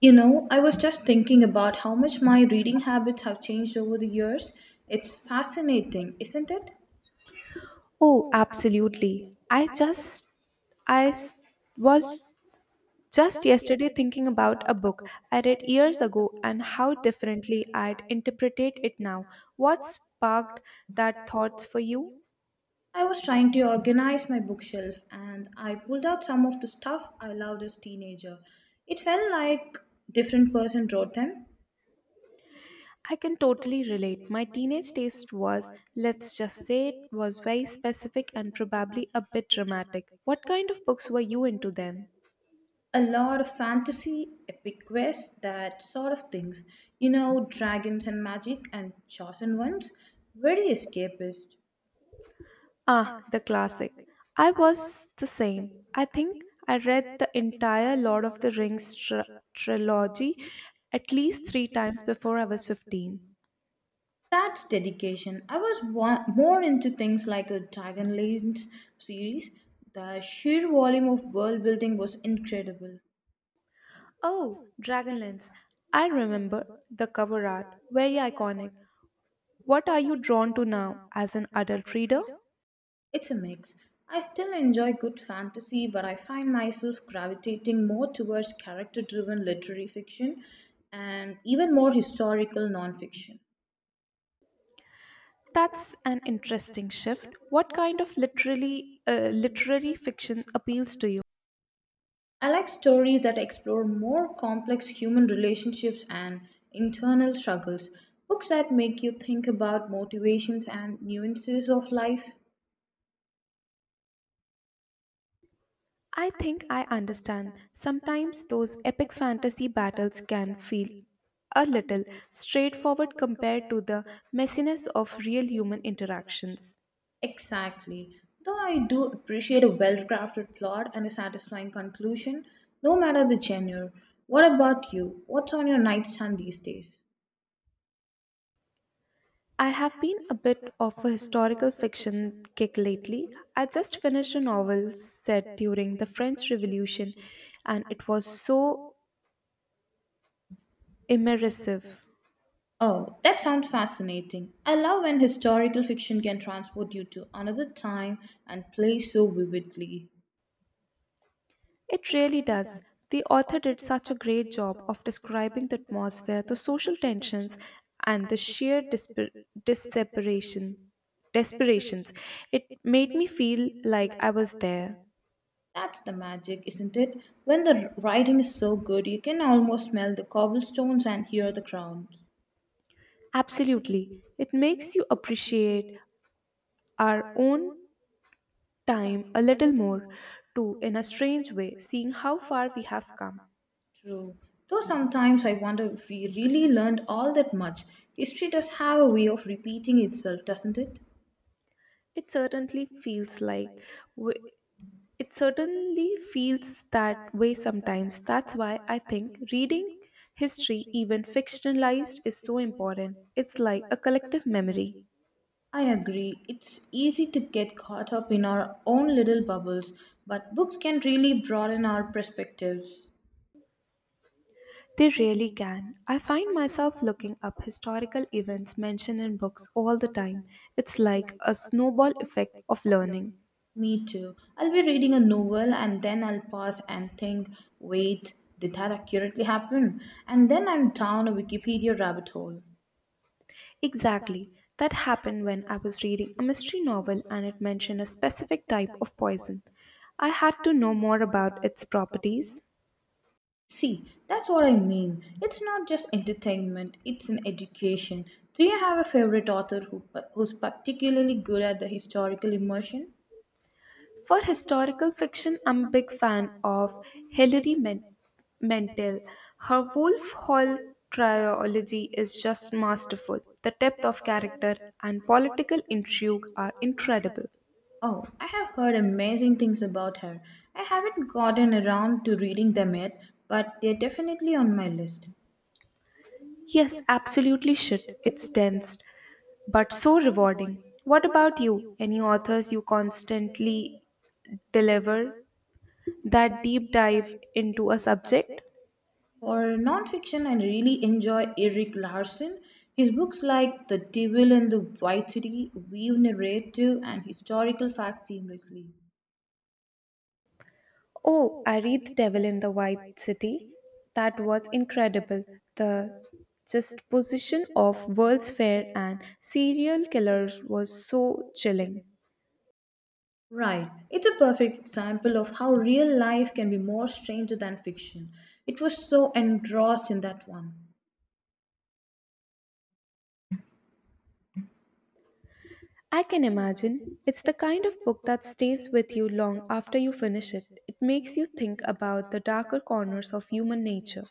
You know, I was just thinking about how much my reading habits have changed over the years. It's fascinating, isn't it? Oh, absolutely. I was just yesterday thinking about a book I read years ago and how differently I'd interpretate it now. What sparked that thoughts for you? I was trying to organize my bookshelf and I pulled out some of the stuff I loved as teenager. It felt like different person wrote them. I can totally relate. My teenage taste was, let's just say it was very specific and probably a bit dramatic. What kind of books were you into then? A lot of fantasy, epic quests, that sort of things. You know, dragons and magic and chosen ones. Very escapist. Ah, the classic. I was the same. I think I read the entire Lord of the Rings trilogy at least 3 times before I was 15. That's dedication. I was more into things like the Dragon Lance series. The sheer volume of world building was incredible. Oh, Dragonlance. I remember the cover art, very iconic. What are you drawn to now as an adult reader? It's a mix. I still enjoy good fantasy, but I find myself gravitating more towards character driven literary fiction and even more historical nonfiction. That's an interesting shift. What kind of literary fiction appeals to you? I like stories that explore more complex human relationships and internal struggles, books that make you think about motivations and nuances of life. I think I understand. Sometimes those epic fantasy battles can feel a little straightforward compared to the messiness of real human interactions. Exactly. Though I do appreciate a well crafted plot and a satisfying conclusion, no matter the genre. What about you? What's on your nightstand these days? I have been a bit of a historical fiction kick lately. I just finished a novel set during the French Revolution and it was so immersive. Oh, that sounds fascinating. I love when historical fiction can transport you to another time and place so vividly. It really does. The author did such a great job of describing the atmosphere, the social tensions, and the sheer disseparation, desperations. It made me feel like I was there. That's the magic, isn't it? When the writing is so good, you can almost smell the cobblestones and hear the crowds. Absolutely. It makes you appreciate our own time a little more, too, in a strange way, seeing how far we have come. True. Though sometimes I wonder if we really learned all that much. History does have a way of repeating itself, doesn't it? It certainly feels like w- It certainly feels that way sometimes. That's why I think reading history, even fictionalized, is so important. It's like a collective memory. I agree. It's easy to get caught up in our own little bubbles, but books can really broaden our perspectives. They really can. I find myself looking up historical events mentioned in books all the time. It's like a snowball effect of learning. Me too. I'll be reading a novel and then I'll pause and think, wait, did that accurately happen? And then I'm down a Wikipedia rabbit hole. Exactly. That happened when I was reading a mystery novel and it mentioned a specific type of poison. I had to know more about its properties. See, that's what I mean. It's not just entertainment, it's an education. Do you have a favorite author who's particularly good at the historical immersion? For historical fiction, I'm a big fan of Hilary Men- Mantel. Her Wolf Hall trilogy is just masterful. The depth of character and political intrigue are incredible. Oh, I have heard amazing things about her. I haven't gotten around to reading them yet, but they're definitely on my list. Yes, absolutely should. It's dense, but so rewarding. What about you? Any authors you constantly deliver that deep dive into a subject? For nonfiction, I really enjoy Eric Larson. His books like The Devil and the White City weave narrative and historical facts seamlessly. Oh, I read The Devil in the White City. That was incredible. The just position of World's Fair and serial killers was so chilling. Right. It's a perfect example of how real life can be more stranger than fiction. It was so engrossed in that one. I can imagine. It's the kind of book that stays with you long after you finish it. It makes you think about the darker corners of human nature.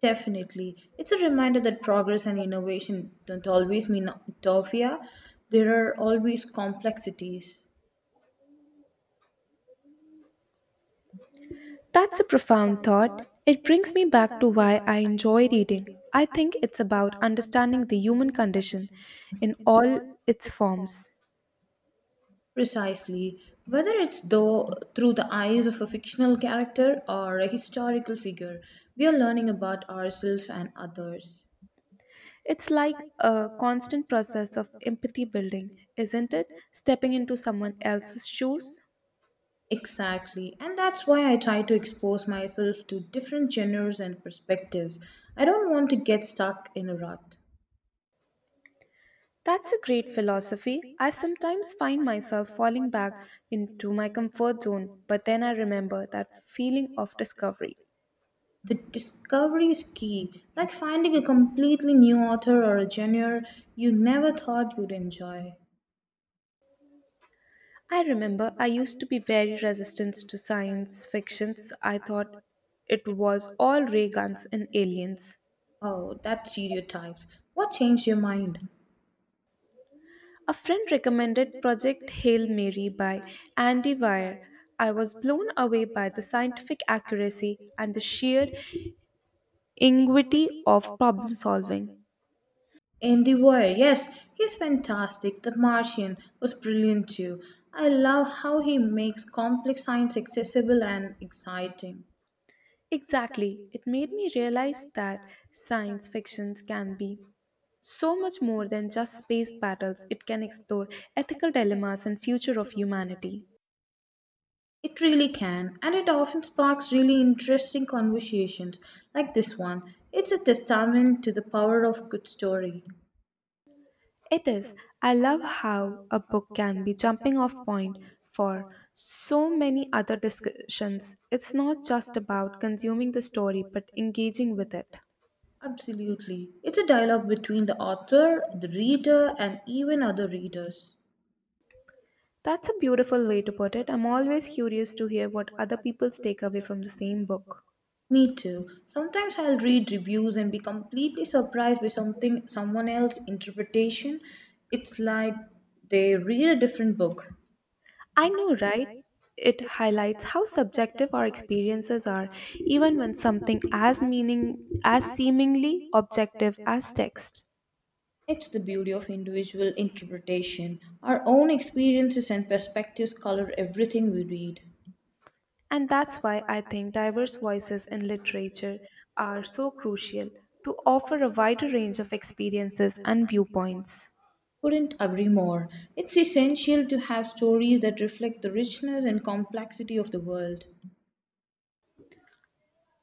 Definitely. It's a reminder that progress and innovation don't always mean utopia. There are always complexities. That's a profound thought. It brings me back to why I enjoy reading. I think it's about understanding the human condition in all its forms. Precisely. Whether it's though through the eyes of a fictional character or a historical figure, we are learning about ourselves and others. It's like a constant process of empathy building, isn't it? Stepping into someone else's shoes. Exactly, and that's why I try to expose myself to different genres and perspectives. I don't want to get stuck in a rut. That's a great philosophy. I sometimes find myself falling back into my comfort zone, but then I remember that feeling of discovery. The discovery is key, like finding a completely new author or a genre you never thought you'd enjoy. I remember I used to be very resistant to science fictions. I thought it was all ray guns and aliens. Oh, that's stereotypes. What changed your mind? A friend recommended Project Hail Mary by Andy Weir. I was blown away by the scientific accuracy and the sheer ingenuity of problem solving. Andy Weir, yes, he's fantastic. The Martian was brilliant too. I love how he makes complex science accessible and exciting. Exactly, it made me realize that science fictions can be so much more than just space battles, it can explore ethical dilemmas and future of humanity. It really can, and it often sparks really interesting conversations like this one. It's a testament to the power of good story. It is. I love how a book can be jumping off point for so many other discussions. It's not just about consuming the story but engaging with it. Absolutely. It's a dialogue between the author, the reader, and even other readers. That's a beautiful way to put it. I'm always curious to hear what other people's take away from the same book. Me too. Sometimes I'll read reviews and be completely surprised by something someone else's interpretation. It's like they read a different book. I know, right? It highlights how subjective our experiences are, even when something as meaning as seemingly objective as text. It's the beauty of individual interpretation. Our own experiences and perspectives color everything we read. And that's why I think diverse voices in literature are so crucial to offer a wider range of experiences and viewpoints. Couldn't agree more. It's essential to have stories that reflect the richness and complexity of the world.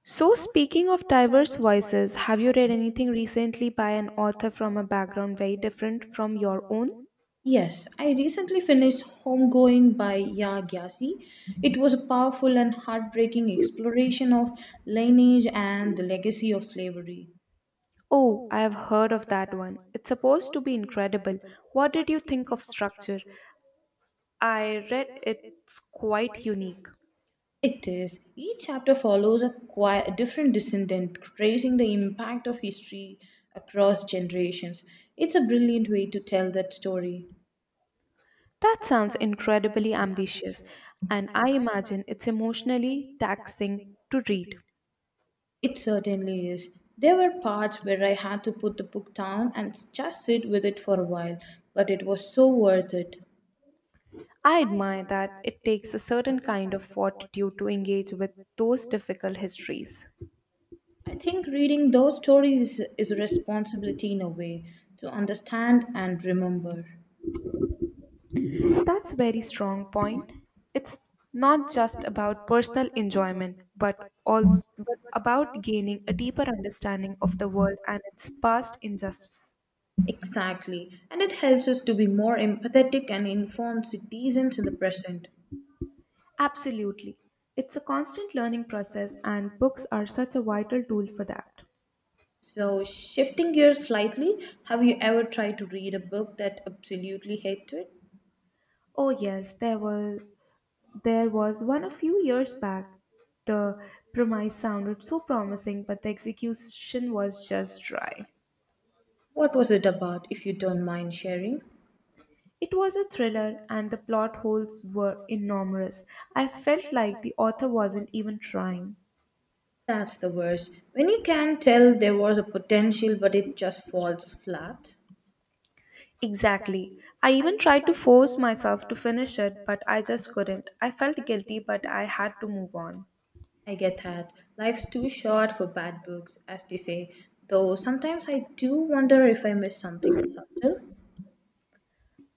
So, speaking of diverse voices, have you read anything recently by an author from a background very different from your own? Yes, I recently finished Homegoing by Ya Gyasi. It was a powerful and heartbreaking exploration of lineage and the legacy of slavery. Oh, I have heard of that one. It's supposed to be incredible. What did you think of structure? I read it's quite unique. It is. Each chapter follows a quite different descendant, tracing the impact of history across generations. It's a brilliant way to tell that story. That sounds incredibly ambitious, and I imagine it's emotionally taxing to read. It certainly is. There were parts where I had to put the book down and just sit with it for a while, but it was so worth it. I admire that it takes a certain kind of fortitude to engage with those difficult histories. I think reading those stories is a responsibility in a way to understand and remember. That's a very strong point. It's not just about personal enjoyment, but also but about gaining a deeper understanding of the world and its past injustice. Exactly, and it helps us to be more empathetic and informed citizens in the present. Absolutely. It's a constant learning process, and books are such a vital tool for that. So, shifting gears slightly, have you ever tried to read a book that absolutely hated? Oh yes, there was one a few years back. The premise sounded so promising, but the execution was just dry. What was it about, if you don't mind sharing? It was a thriller and the plot holes were enormous. I felt like the author wasn't even trying. That's the worst. When you can tell there was a potential but it just falls flat. Exactly. I even tried to force myself to finish it, but I just couldn't. I felt guilty, but I had to move on. I get that. Life's too short for bad books, as they say, though sometimes I do wonder if I miss something subtle.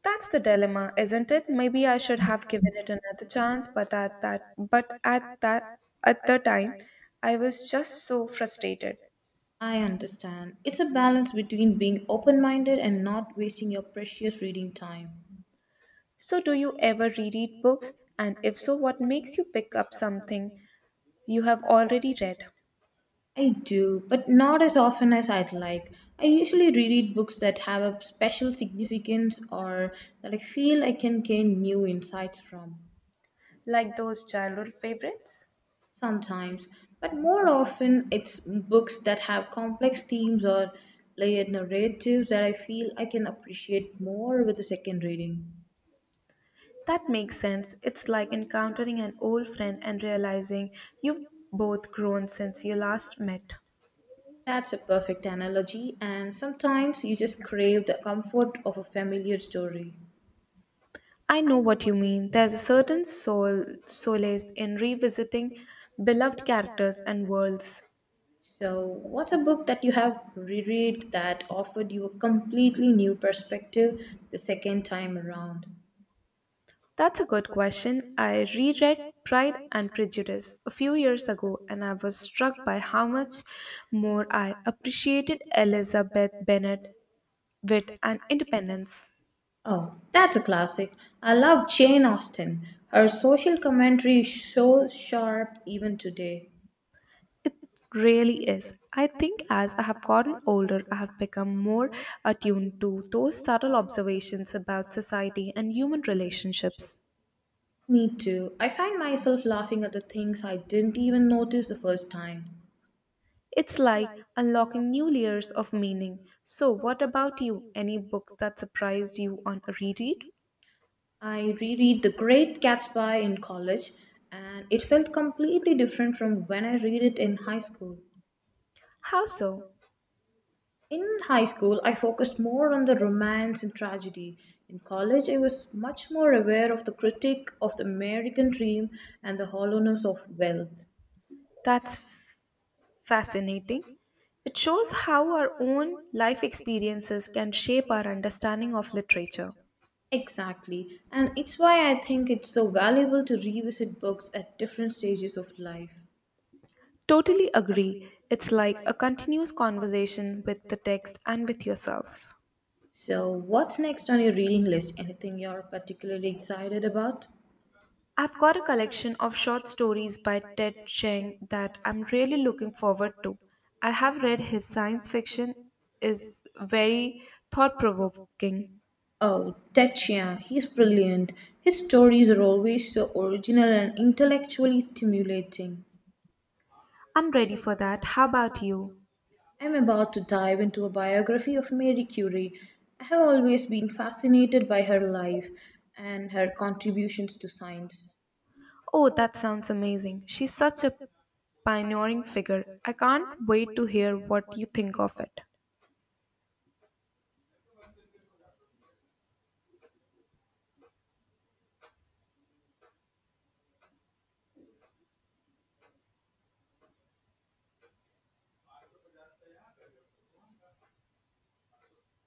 That's the dilemma, isn't it? Maybe I should have given it another chance, but at that at the time I was just so frustrated. I understand. It's a balance between being open minded and not wasting your precious reading time. So do you ever reread books? And if so, what makes you pick up something you have already read? I do, but not as often as I'd like. I usually reread books that have a special significance or that I feel I can gain new insights from. Like those childhood favorites? Sometimes, but more often it's books that have complex themes or layered narratives that I feel I can appreciate more with a second reading. That makes sense. It's like encountering an old friend and realizing you've both grown since you last met. That's a perfect analogy, and sometimes you just crave the comfort of a familiar story. I know what you mean. There's a certain soul, solace in revisiting beloved characters and worlds. So, what's a book that you have reread that offered you a completely new perspective the second time around? That's a good question. I reread Pride and Prejudice a few years ago and I was struck by how much more I appreciated Elizabeth Bennet wit and independence. Oh, that's a classic. I love Jane Austen. Her social commentary is so sharp even today. Really is. I think as I have gotten older, I have become more attuned to those subtle observations about society and human relationships. Me too. I find myself laughing at the things I didn't even notice the first time. It's like unlocking new layers of meaning. So, what about you? Any books that surprised you on a reread? I reread The Great Gatsby in college and it felt completely different from when I read it in high school. How so? In high school, I focused more on the romance and tragedy. In college, I was much more aware of the critique of the American dream and the hollowness of wealth. That's fascinating. It shows how our own life experiences can shape our understanding of literature. Exactly, and it's why I think it's so valuable to revisit books at different stages of life. Totally agree. It's like a continuous conversation with the text and with yourself. So, what's next on your reading list? Anything you're particularly excited about? I've got a collection of short stories by Ted Chiang that I'm really looking forward to. I have read his science fiction is very thought provoking. Oh, Ted Chiang, he's brilliant. His stories are always so original and intellectually stimulating. I'm ready for that. How about you? I'm about to dive into a biography of Marie Curie. I have always been fascinated by her life and her contributions to science. Oh, that sounds amazing. She's such a pioneering figure. I can't wait to hear what you think of it.